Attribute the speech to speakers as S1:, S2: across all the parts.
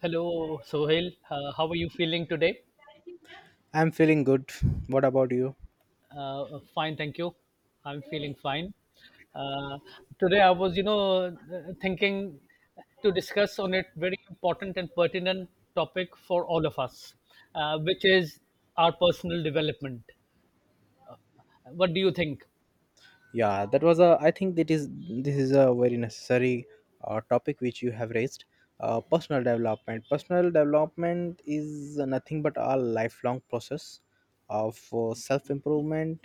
S1: Hello, Sohail. How are you feeling today?
S2: I'm feeling good. What about you?
S1: Fine, thank you. I'm feeling fine. Uh, today, I was thinking to discuss on it very important and pertinent topic for all of us, which is our personal development. What do you think?
S2: Yeah, that was a. I think that is this is a very necessary topic which you have raised. Personal development. Personal development is nothing but a lifelong process of self improvement,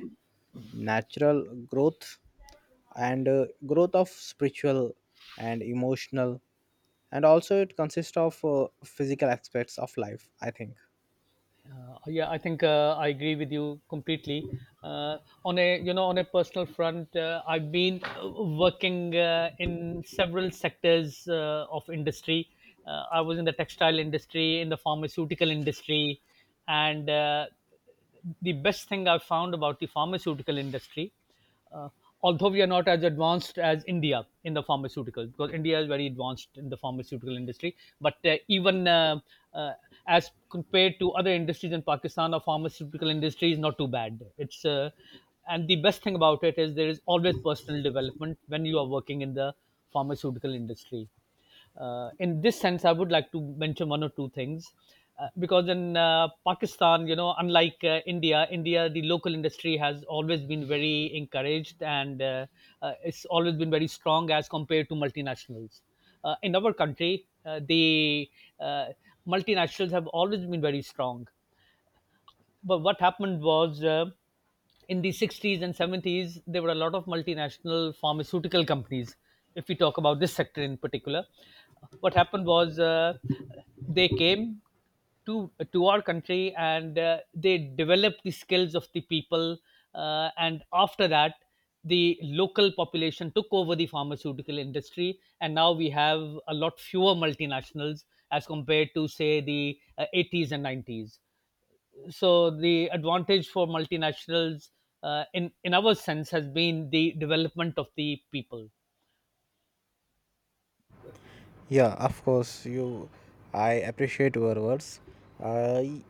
S2: natural growth, and growth of spiritual and emotional. And also, it consists of physical aspects of life.
S1: Yeah, I think I agree with you completely. Uh, on a personal front, I've been working in several sectors of industry. I was in the textile industry, in the pharmaceutical industry, and the best thing I've found about the pharmaceutical industry, uh, although we are not as advanced as India in the pharmaceutical, because India is very advanced in the pharmaceutical industry, but even uh, as compared to other industries in Pakistan, our pharmaceutical industry is not too bad. It's And the best thing about it is there is always personal development when you are working in the pharmaceutical industry. In this sense, I would like to mention one or two things. Because in Pakistan, unlike India, the local industry has always been very encouraged, and it's always been very strong as compared to multinationals. In our country, the uh, multinationals have always been very strong, but what happened was, in the 60s and 70s, there were a lot of multinational pharmaceutical companies. If we talk about this sector in particular, what happened was, they came to our country, and they developed the skills of the people, and after that, the local population took over the pharmaceutical industry, and now we have a lot fewer multinationals as compared to, say, the 80s and 90s. So the advantage for multinationals, in our sense, has been the development of the people.
S2: Yeah, of course. I appreciate your words. I,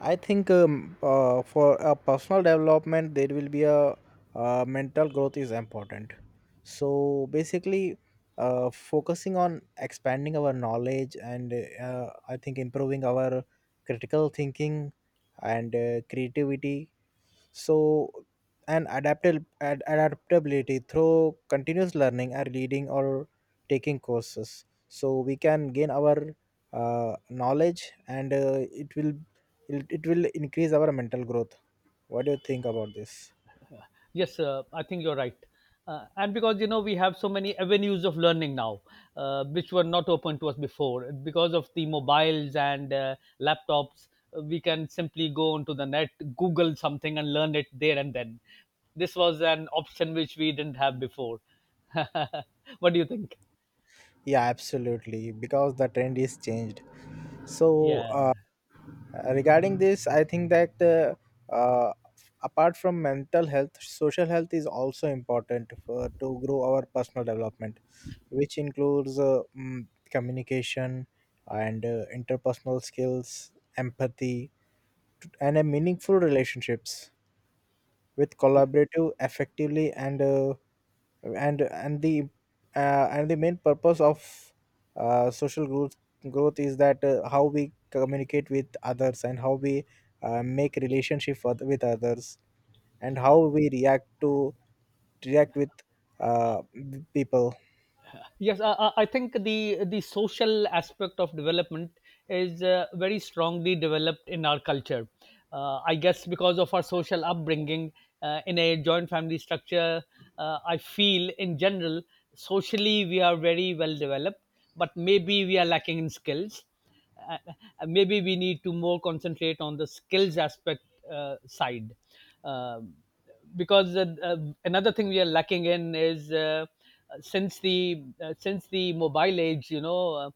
S2: I think for a personal development, there will be a mental growth is important. So basically, focusing on expanding our knowledge, and I think improving our critical thinking and creativity, so and adaptable adaptability through continuous learning or leading or taking courses, so we can gain our knowledge, and it will increase our mental growth. What do you think about this?
S1: Yes, I think you're right, and because, you know, we have so many avenues of learning now, which were not open to us before because of the mobiles and laptops. We can simply go onto the net, google something, and learn it there and then. This was an option which we didn't have before. What do you think?
S2: Yeah, absolutely, because the trend is changed. So
S1: Yeah.
S2: regarding this, I think that uh, apart from mental health, social health is also important for to grow our personal development, which includes communication and interpersonal skills, empathy, and a meaningful relationships, with collaborative effectively, and and and the and the main purpose of social growth is that how we communicate with others, and how we make relationship with others, and how we react with uh, people.
S1: Yes, I think the social aspect of development is very strongly developed in our culture. I guess because of our social upbringing in a joint family structure, I feel in general socially we are very well developed, but maybe we are lacking in skills. Maybe we need to more concentrate on the skills aspect side. Um because another thing we are lacking in is, since the mobile age,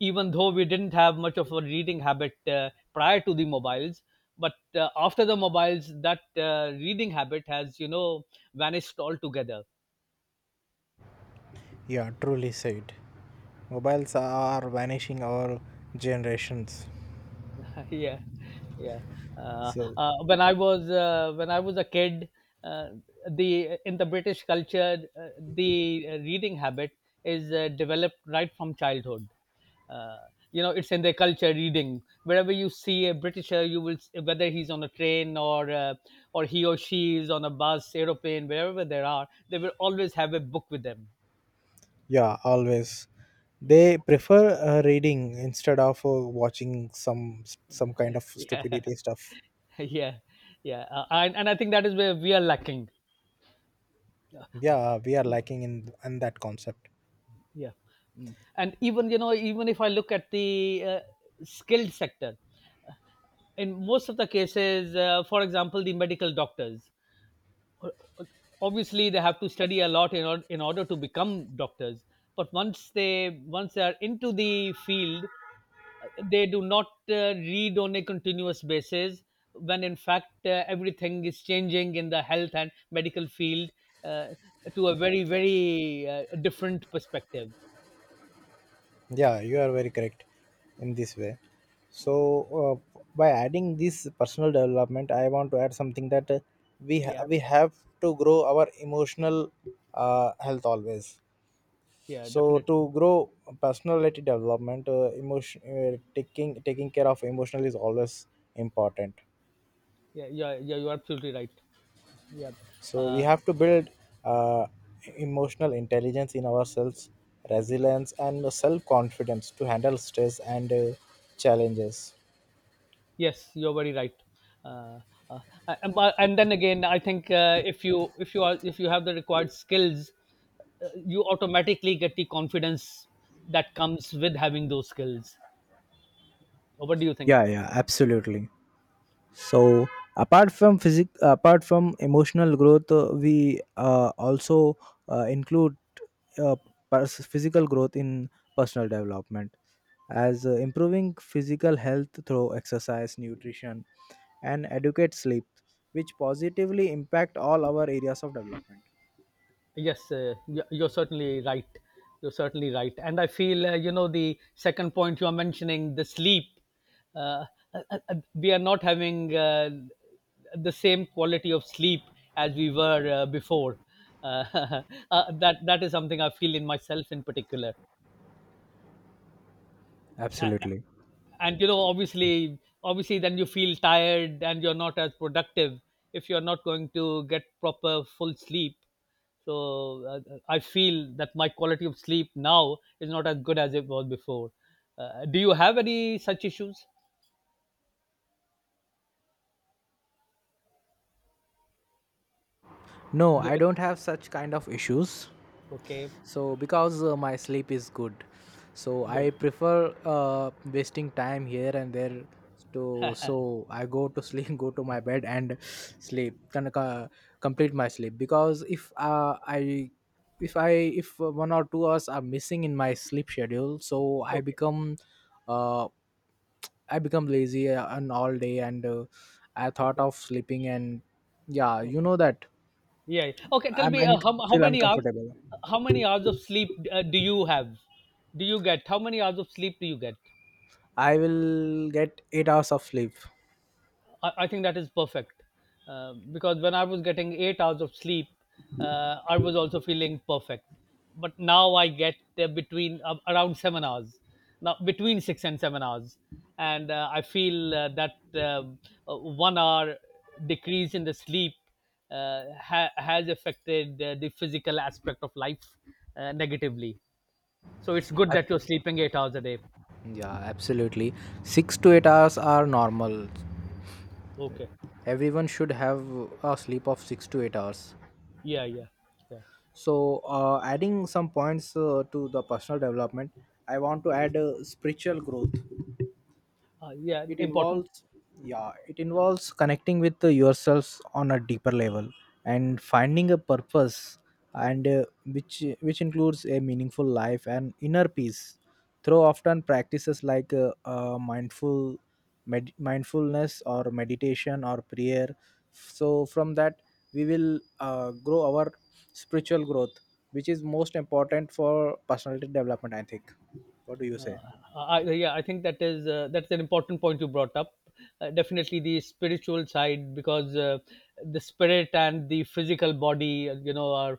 S1: even though we didn't have much of a reading habit prior to the mobiles, but after the mobiles that reading habit has, vanished altogether.
S2: Yeah, truly said, mobiles are vanishing our generations.
S1: Yeah. Yeah.
S2: So
S1: When I was a kid, uh, the in the British culture, the reading habit is developed right from childhood. uh, you know, it's in their culture. Reading, wherever you see a britisher, whether he's on a train, or or he or she is on a bus, aeroplane, wherever there are, they will always have a book with them.
S2: yeah, always they prefer reading instead of watching some kind of
S1: Yeah.
S2: stupidity stuff.
S1: Yeah. Yeah, and I think that is where we are lacking.
S2: Yeah, we are lacking in that concept.
S1: Yeah. Mm. And even, you know, even if I look at the skilled sector, uh, in most of the cases, for example, the medical doctors, o- o- obviously they have to study a lot in order to become doctors. But once they are into the field, they do not read on a continuous basis, when in fact, everything is changing in the health and medical field, uh, to a very, very different perspective.
S2: Yeah, you are very correct in this way. So by adding this personal development, I want to add something that
S1: Yeah.
S2: we have to grow our emotional health always.
S1: Yeah,
S2: So
S1: definitely.
S2: to grow personality development, emotion, taking care of emotional is always important.
S1: Yeah. Yeah, yeah, you're absolutely right. Yeah.
S2: So we
S1: uh,
S2: have to build uh, emotional intelligence in ourselves, resilience, and self confidence to handle stress and challenges.
S1: yes, you're very right. uh, uh, and then again, I think, if you have the required skills, you automatically get the confidence that comes with having those skills. What do you think?
S2: Yeah, yeah, absolutely. So apart from emotional growth, we also include uh, physical growth in personal development, as improving physical health through exercise, nutrition, and educate sleep, which positively impact all our areas of development.
S1: Yes, you're certainly right. You're certainly right. And I feel, the second point you're mentioning, the sleep, uh, we are not having the same quality of sleep as we were before. Uh, that is something I feel in myself in particular. Uh,
S2: Absolutely.
S1: and, you know, obviously, then you feel tired and you're not as productive if you're not going to get proper full sleep. So I feel that my quality of sleep now is not as good as it was before. Do you have any such issues?
S2: No,
S1: Do-
S2: I don't have such kind of issues.
S1: okay.
S2: So because my sleep is good, so
S1: Good.
S2: I prefer wasting time here and there. To so I go to sleep, go to my bed and sleep, can complete my sleep. Because if I if I if 1 or 2 hours are missing in my sleep schedule, so I
S1: Okay.
S2: become uh, lazy and all day, and I thought
S1: Okay.
S2: of sleeping, and yeah, you
S1: Okay.
S2: know that
S1: Yeah, yeah. Okay, tell
S2: I'm
S1: me,
S2: un-
S1: how
S2: feel
S1: many hours,
S2: uncomfortable.
S1: how many hours of sleep do you have do you get? How many hours of sleep do you get?
S2: I will get 8 hours of sleep.
S1: I think that is perfect, because when I was getting 8 hours of sleep, I was also feeling perfect. But now I get, between around 7 hours, now between 6 and 7 hours, and I feel that um, 1 hour decrease in the sleep has affected the physical aspect of life negatively. So it's good that
S2: Ab-
S1: you're sleeping 8 hours a day.
S2: yeah, absolutely. 6 to 8 hours are normal.
S1: Okay.
S2: Everyone should have a sleep of 6 to 8 hours.
S1: Yeah. Yeah. Yeah.
S2: So, adding some points to the personal development, I want to add spiritual growth.
S1: Yeah,
S2: It
S1: important.
S2: involves Yeah, it involves connecting with yourselves on a deeper level, and finding a purpose, and which which includes a meaningful life and inner peace through often practices like mindfulness or meditation or prayer. So from that, we will grow our spiritual growth, which is most important for personality development, I think. What do you say?
S1: I think that is, that's an important point you brought up. Definitely the spiritual side, because the spirit and the physical body, you know, are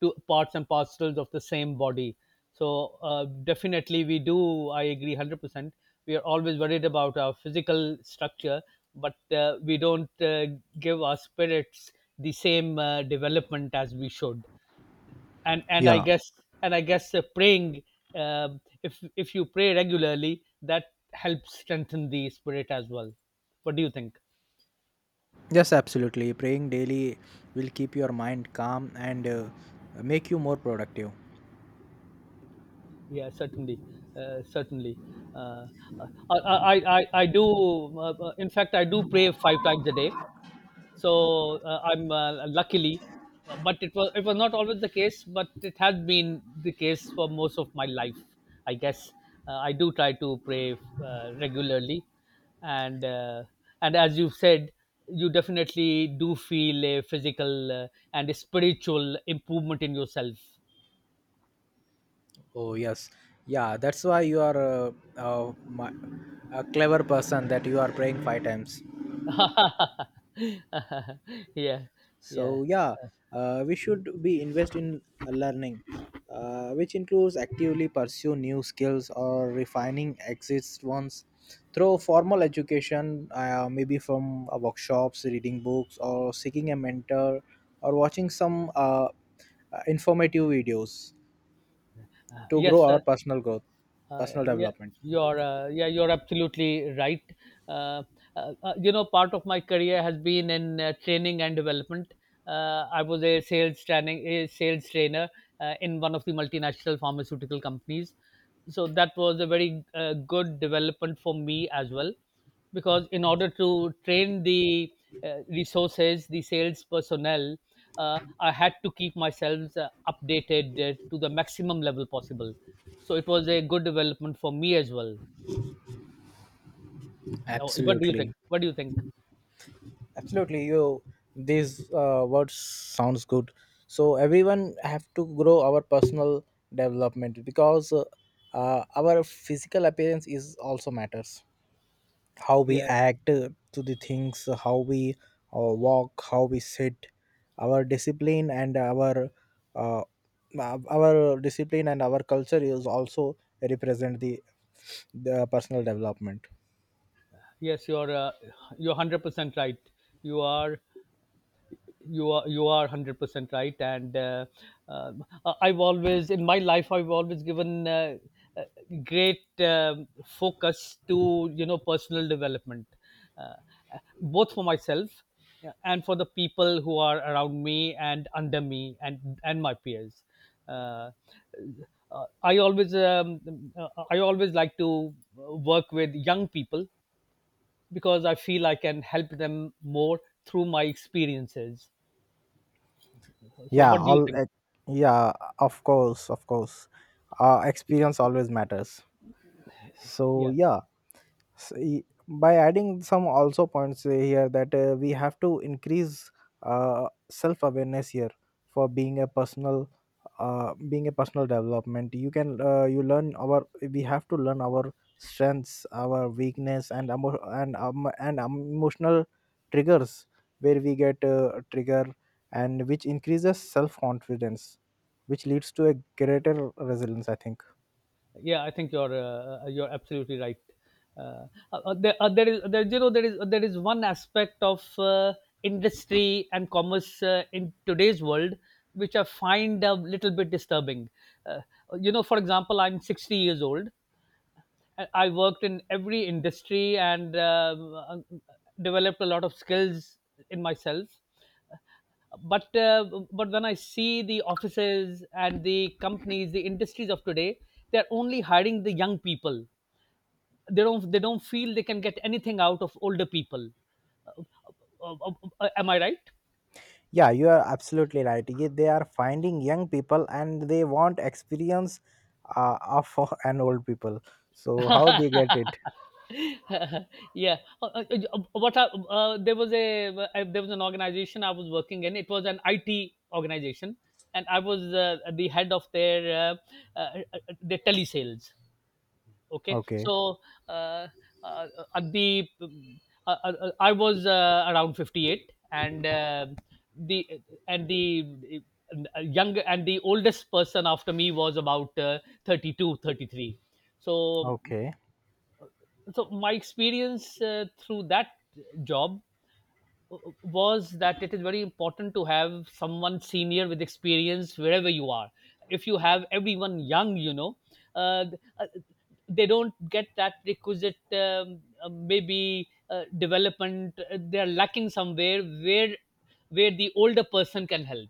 S1: two parts and parcels of the same body. So definitely we do. I agree 100%. We are always worried about our physical structure, but we don't give our spirits the same development as we should. and and I
S2: Yeah.
S1: guess and I guess, praying, if you pray regularly, that helps strengthen the spirit as well. What do you think?
S2: Yes, absolutely. Praying daily will keep your mind calm and make you more productive.
S1: Yeah, certainly, certainly. Uh, uh, I, I, I do. In fact, I do pray five times a day. So I'm, luckily, but it was not always the case, but it has been the case for most of my life. I guess I do try to pray regularly, and as you said, you definitely do feel a physical and a spiritual improvement in yourself.
S2: Oh, yes. Yeah, that's why you are uh, mi- a clever person that you are praying five times.
S1: Yeah. Yeah.
S2: So, yeah, we should be invest in learning, which includes actively pursue new skills or refining existing ones through formal education, maybe from workshops, reading books, or seeking a mentor, or watching some informative videos to
S1: Yes.
S2: grow our personal growth,
S1: Uh, uh,
S2: personal
S1: yeah,
S2: development.
S1: you're, yeah, you're absolutely right. Uh, you know, part of my career has been in training and development. I was a sales trainer in one of the multinational pharmaceutical companies. So that was a very good development for me as well, because in order to train the resources, the sales personnel, I had to keep myself updated to the maximum level possible, so it was a good development for me as well. Now, what do you think?
S2: Absolutely.
S1: What do you think?
S2: Absolutely, you. These words sounds good. So everyone have to grow our personal development, because our physical appearance is also matters. How we
S1: Yeah,
S2: act to the things, how we walk, how we sit, our discipline and our uh, our discipline and our culture is also represent the personal development.
S1: yes, you're, you're 100% right. You are you are 100% right, and uh, I've always in my life I've always given, uh, great focus to, you know, personal development, uh, both for myself, yeah, and for the people who are around me and under me, and my peers. uh, I always, I always like to work with young people, because I feel I can help them more through my experiences. So,
S2: yeah
S1: what do you
S2: all
S1: think?
S2: ex- yeah, of course, of course. Experience always matters. So
S1: Yeah,
S2: yeah, by adding some also points here that we have to increase self awareness here. For being a personal, development, you can you learn our we have to learn our strengths, our weakness, and emotional triggers, where we get trigger, and which increases self confidence, which leads to a greater resilience, I think.
S1: yeah, I think you're, you're absolutely right. Uh, there, there is there you know there is one aspect of industry and commerce in today's world, which I find a little bit disturbing. Uh, you know, for example, I'm 60 years old. I worked in every industry, and developed a lot of skills in myself, but when I see the offices and the companies, the industries of today, they're only hiring the young people. They don't feel they can get anything out of older people. Uh, uh, uh, am I right?
S2: Yeah, you are absolutely right. They are finding young people, and they want experience of an old people. So how they get it?
S1: Yeah. What I, uh, there was a there was an organization I was working in. It was an IT organization, and I was the head of their telesales. Okay.
S2: Okay,
S1: So, uh, uh, at the uh, I was, around 58, and, the and the young and the oldest person after me was about, 32, 33. So
S2: okay.
S1: so my experience, through that job was that it is very important to have someone senior with experience wherever you are. If you have everyone young, uh, uh, they don't get that requisite maybe development. Uh, they are lacking somewhere where the older person can help.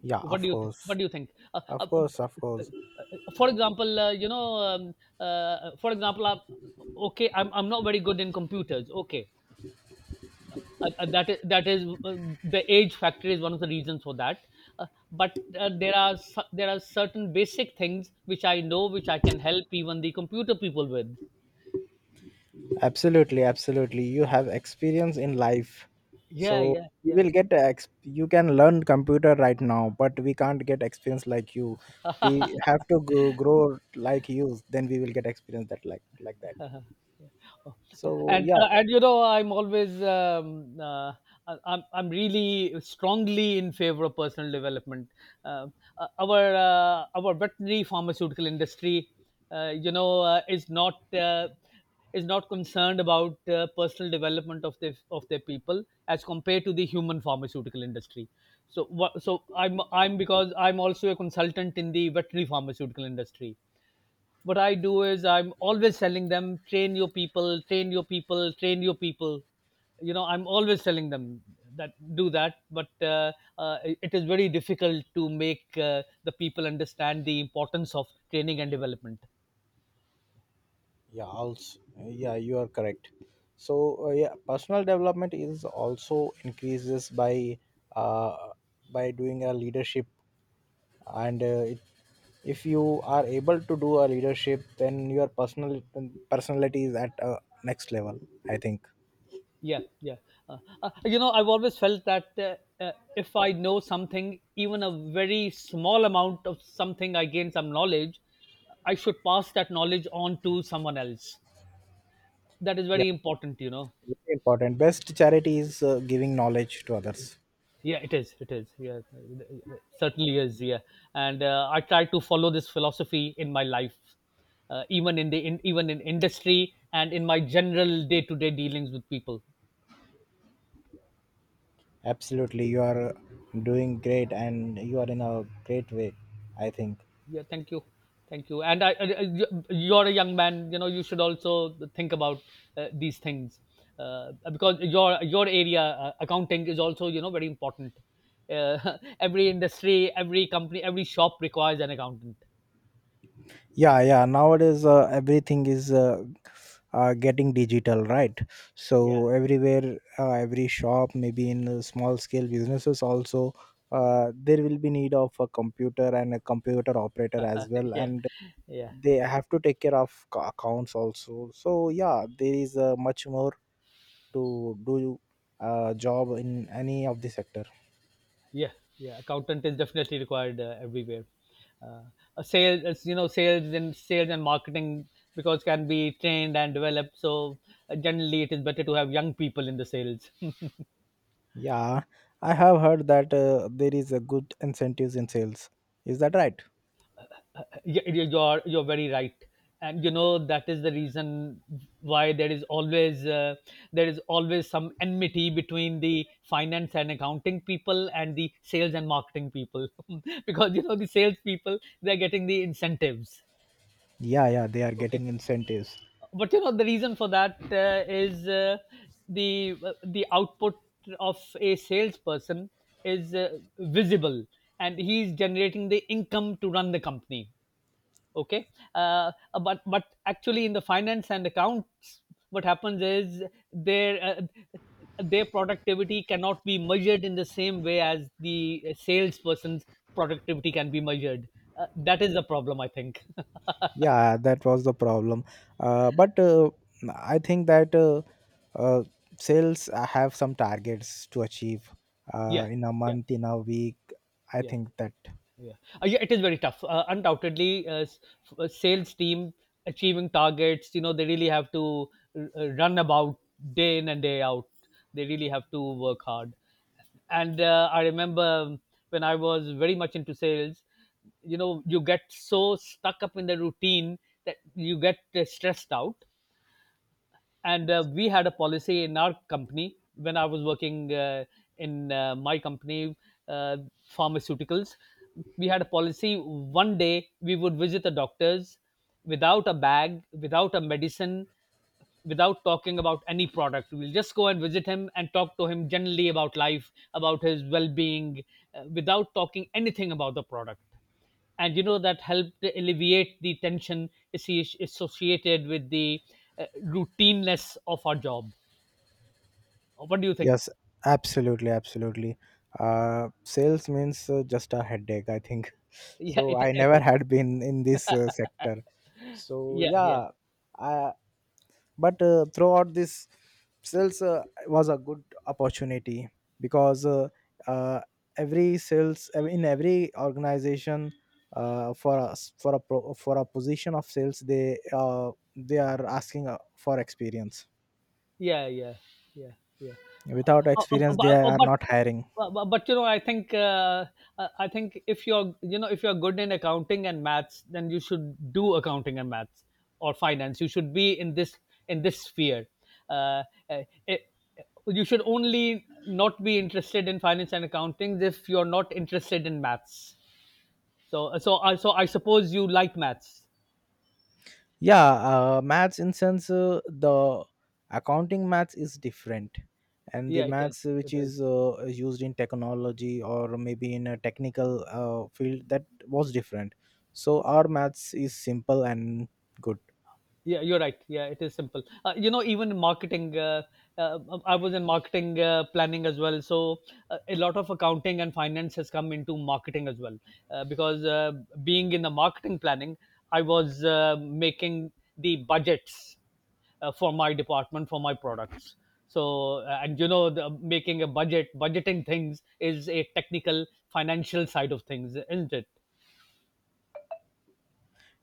S2: Yeah, of course.
S1: What do you think?
S2: Of course, of
S1: Uh,
S2: course.
S1: for example, uh, for example uh, okay, I'm not very good in computers, okay. That is The age factor is one of the reasons for that. But there are there are certain basic things which I know, which I can help even the computer people with.
S2: Absolutely, absolutely. You have experience in life.
S1: Yeah,
S2: So
S1: yeah,
S2: you
S1: yeah.
S2: will you can learn computer right now, but we can't get experience like you. We have to go, grow like you, then we will get experience that like that.
S1: Oh, oh,
S2: So
S1: and
S2: yeah,
S1: uh, and you know I'm really strongly in favor of personal development. Our veterinary pharmaceutical industry uh, you know uh, is not uh, is not concerned about personal development of their people as compared to the human pharmaceutical industry. So what so i'm i'm because i'm also a consultant in the veterinary pharmaceutical industry. What I do is I'm always telling them, train your people, train your people, train your people. You know, I'm always telling them that, do that, but it is very difficult to make the people understand the importance of training and development.
S2: yeah. Also, yeah, you are correct. So yeah, personal development is also increases uh, by doing a leadership, and if you are able to do a leadership, then your personality is at a next level, I think.
S1: Yeah, yeah. I've always felt that if I know something, even a very small amount of something, I gain some knowledge, I should pass that knowledge on to someone else. That is
S2: Yeah,
S1: very important.
S2: very important, best charity is giving knowledge to others.
S1: Yeah, it is, yeah, it certainly is, yeah. And I try to follow this philosophy in my life, even even in industry and in my general day-to-day dealings with people.
S2: Absolutely, you are doing great, and you are in a great way, I think.
S1: Yeah, thank you. Thank you, and you are a young man, you should also think about these things, because your area, accounting, is also, very important. Uh, every industry, every company, every shop requires an accountant.
S2: Yeah, yeah, nowadays everything is getting digital, right?
S1: Yeah.
S2: So everywhere, every shop, maybe in small scale businesses also, there will be need of a computer and a computer operator as well,
S1: Yeah.
S2: and
S1: Yeah.
S2: they have to take care of accounts also. So yeah, there is much more to do, job in any of the sector.
S1: Yeah, yeah. Accountant is definitely required everywhere. Uh, a sales, as you know, sales and marketing, because, can be trained and developed. So generally, it is better to have young people in the sales.
S2: Yeah, I have heard that there is a good incentives in sales, is that right?
S1: You're very right, and you know that is the reason why there is always some enmity between the finance and accounting people and the sales and marketing people. Because the sales people, they're getting the incentives.
S2: Yeah, yeah, they are
S1: Okay?
S2: getting incentives.
S1: But the reason for that, is, the the output of a salesperson is, visible, and he's generating the income to run the company. Okay. uh, but actually, in the finance and accounts, what happens is, their, productivity cannot be measured in the same way as the salesperson's productivity can be measured. Uh, that is the problem, I think.
S2: Yeah, that was the problem, but I think that uh, sales have some targets to achieve,
S1: Yeah,
S2: in a
S1: yeah,
S2: month, in a week, I
S1: yeah.
S2: think that.
S1: Yeah. Yeah, it is very tough. Undoubtedly, sales team achieving targets. You know, they really have to run about day in and day out. They really have to work hard. And I remember when I was very much into sales, you get so stuck up in the routine that you get stressed out. And we had a policy in our company when I was working in my company, uh, pharmaceuticals. We had a policy: one day we would visit the doctors without a bag, without a medicine, without talking about any product. We'll just go and visit him and talk to him generally about life, about his well-being, without talking anything about the product. And that helped alleviate the tension associated with the routineness of our job. What do you think?
S2: Yes, absolutely, absolutely. Sales means just a headache, I think.
S1: Yeah,
S2: So I
S1: it
S2: never
S1: is.
S2: had been in this sector. So
S1: Yeah, yeah.
S2: yeah, I, but throughout this sales was a good opportunity, because uh, every sales in every organization, for us, for a position of sales, they are asking for experience.
S1: Yeah, yeah, yeah, yeah. Uh,
S2: Without
S1: uh, uh,
S2: experience,
S1: but,
S2: they
S1: uh,
S2: are
S1: but
S2: not hiring.
S1: but, I think, if you're, if you're good in accounting and maths, then you should do accounting and maths, or finance. You should be in this, sphere. Uh, uh, it, you should only not be interested in finance and accounting if you're not interested in maths. So I suppose you like maths.
S2: Yeah, maths in sense, the accounting maths is different, and the
S1: Yeah, it is.
S2: maths which
S1: It is.
S2: is used in technology or maybe in a technical field, that was different. So our maths is simple and good.
S1: Yeah, you're right. Yeah, it is simple. Uh, even in marketing, I was in marketing planning as well. So a lot of accounting and finance has come into marketing as well. Because, being in the marketing planning, I was making the budgets for my department, for my products. So, and making a budget, budgeting things is a technical financial side of things, isn't it?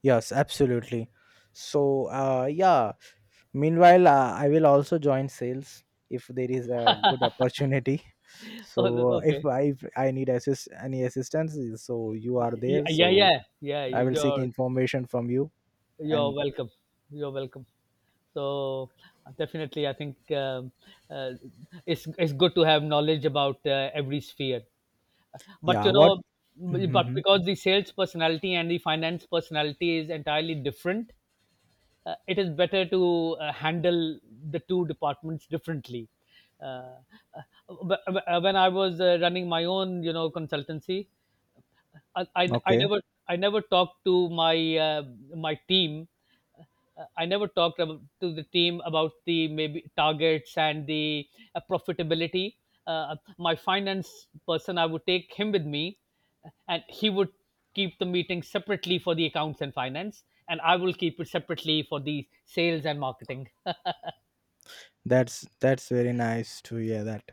S2: Yes, absolutely. So yeah, meanwhile I will also join sales if there is a good opportunity.
S1: Oh,
S2: So if
S1: okay.
S2: i if i need assist any assistance, so you are
S1: Yeah,
S2: there.
S1: yeah,
S2: So
S1: yeah. Yeah,
S2: I will seek information from you.
S1: You're
S2: And
S1: welcome. You're welcome. So definitely, I think, uh, it's good to have knowledge about every sphere. But
S2: yeah, what? Hmm.
S1: because the sales personality and the finance personality is entirely different, it is better to handle the two departments differently. Uh, uh, but when I was running my own, consultancy, I
S2: Okay,
S1: never talked to my, team. Uh, I never to the team about the, maybe, targets and the, profitability. My finance person, I would take him with me, and he would keep the meeting separately for the accounts and finance, and I will keep it separately for the sales and marketing.
S2: that's very nice to hear that.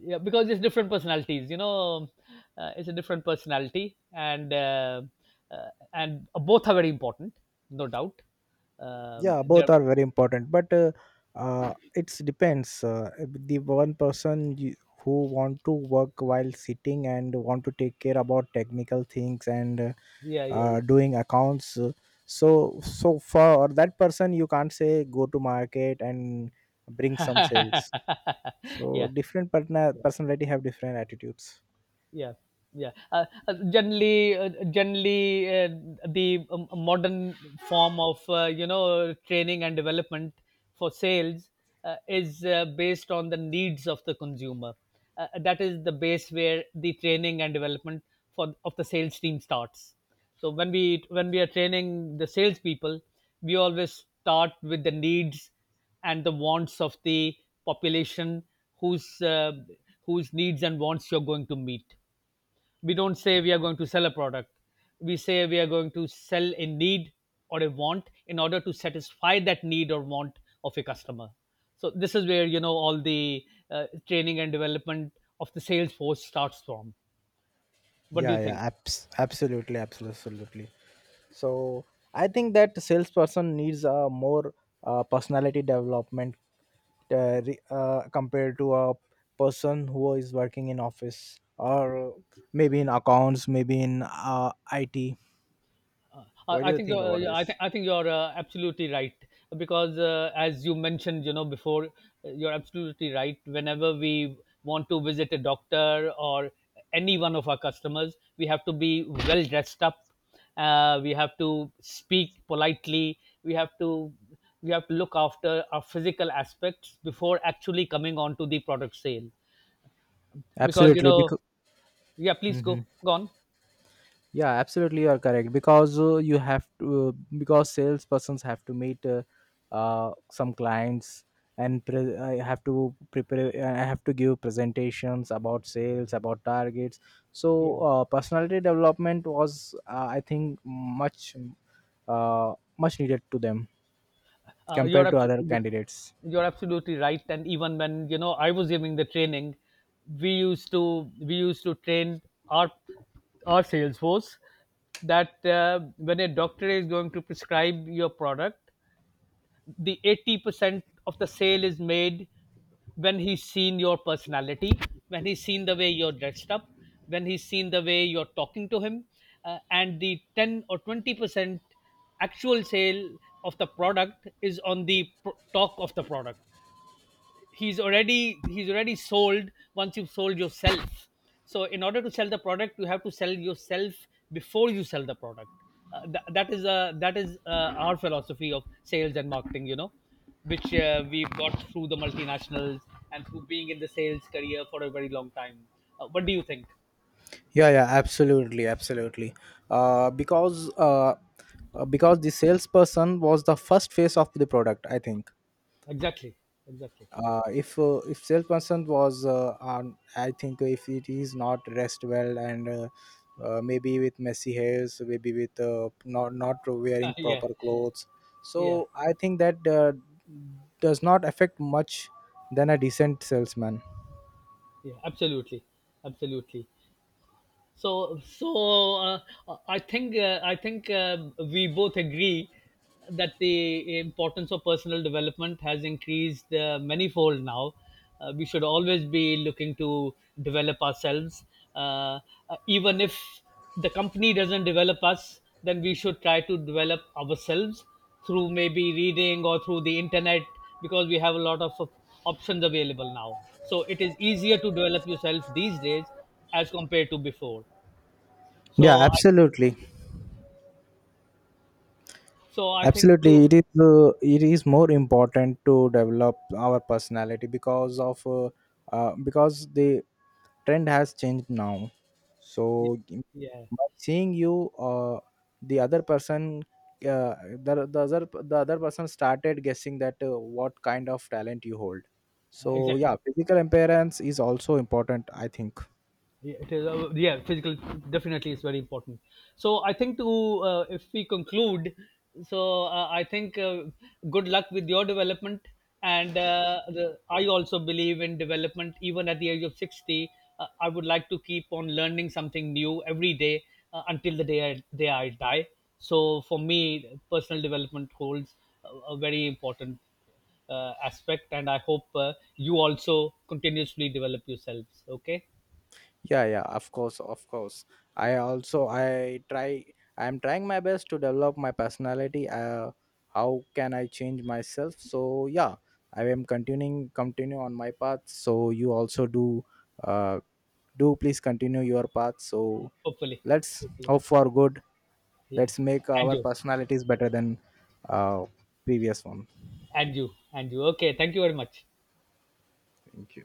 S1: Yeah, because it's different personalities. It's a different personality, and uh, both are very important, no doubt. Um,
S2: Yeah,
S1: they're-
S2: both are very important, but it depends. The one person, who want to work while sitting, and want to take care about technical things, and
S1: yeah, yeah,
S2: doing accounts. So for that person, you can't say go to market and bring some
S1: yeah.
S2: sales. So
S1: Yeah,
S2: different partner personality have different attitudes.
S1: yeah, yeah. Generally, the, modern form of, uh, training and development for sales, is, based on the needs of the consumer. Uh, that is the base where the training and development for of the sales team starts. So when we are training the salespeople, we always start with the needs and the wants of the population, whose uh, whose needs and wants you're going to meet. We don't say we are going to sell a product, we say we are going to sell a need or a want, in order to satisfy that need or want of a customer. So this is where all the training and development of the sales force starts from. What do you
S2: Yeah,
S1: think?
S2: yeah, absolutely, absolutely, absolutely. So I think that salesperson needs a more personality development, compared to a person who is working in office or maybe in accounts, maybe in IT.
S1: I
S2: What do
S1: I
S2: you
S1: think
S2: think
S1: you're,
S2: about this?
S1: I think you're absolutely right, because as you mentioned, before, you're absolutely right. Whenever we want to visit a doctor or any one of our customers, we have to be well dressed up. We have to speak politely. We have to look after our physical aspects before actually coming on to the product sale, because
S2: Absolutely, because,
S1: yeah, please go on.
S2: yeah, absolutely, you are correct, because salespersons have to meet some clients, and I have to prepare. I have to give presentations about sales, about targets. So
S1: Yeah.
S2: personality development was, I think, much needed to them
S1: Uh, you're
S2: compared to other
S1: abso-
S2: candidates.
S1: you're absolutely right. And even when I was giving the training, we used to train our our sales force that, when a doctor is going to prescribe your product, the 80% of the sale is made when he's seen your personality, when he's seen the way you're dressed up, when he's seen the way you're talking to him. Uh, and the 10 or 20% actual sale of the product is on the talk of the product. He's already sold. Once you've sold yourself, so, in order to sell the product, you have to sell yourself before you sell the product. That is our philosophy of sales and marketing, which we've got through the multinationals, and through being in the sales career for a very long time. Uh, what do you think?
S2: Yeah, yeah, absolutely, absolutely. uh, because uh, because the salesperson was the first face of the product, I think.
S1: Exactly. Exactly.
S2: If salesperson was on I think if it is not dressed well, and maybe with messy hairs, maybe with not wearing
S1: Yeah,
S2: proper clothes,
S1: yeah,
S2: so I think that does not affect much than a decent salesman.
S1: yeah, absolutely, absolutely. So, I think, we both agree that the importance of personal development has increased manifold now. We should always be looking to develop ourselves, uh, even if the company doesn't develop us. Then we should try to develop ourselves through maybe reading or through the internet, because we have a lot of options available now. So it is easier to develop yourself these days as compared to before.
S2: Yeah,
S1: So I
S2: absolutely,
S1: so I think to—
S2: absolutely. It is more important to develop our personality, because of because the trend has changed now.
S1: Yeah,
S2: So
S1: yeah,
S2: by seeing you, the other person uh, the, the other the other person started guessing that what kind of talent you hold. So yeah,
S1: exactly.
S2: physical appearance is also important, I think.
S1: Yeah, it is, yeah, physical definitely is very important. So I think to, if we conclude, so I think, good luck with your development, and I also believe in development even at the age of 60. I would like to keep on learning something new every day until the day day I die. So for me, personal development holds a very important aspect, and I hope you also continuously develop yourselves. Okay.
S2: Yeah, yeah, of course, of course. i also i try I am trying my best to develop my personality, how can I change myself. So yeah, I am continuing continue on my path. So you also do, uh, please continue your path. So
S1: Hopefully,
S2: let's
S1: Hopefully,
S2: hope for good.
S1: yeah.
S2: Let's make
S1: And
S2: our
S1: you,
S2: personalities better than uh, previous one.
S1: and you, and you. Okay, thank you very much.
S2: Thank you.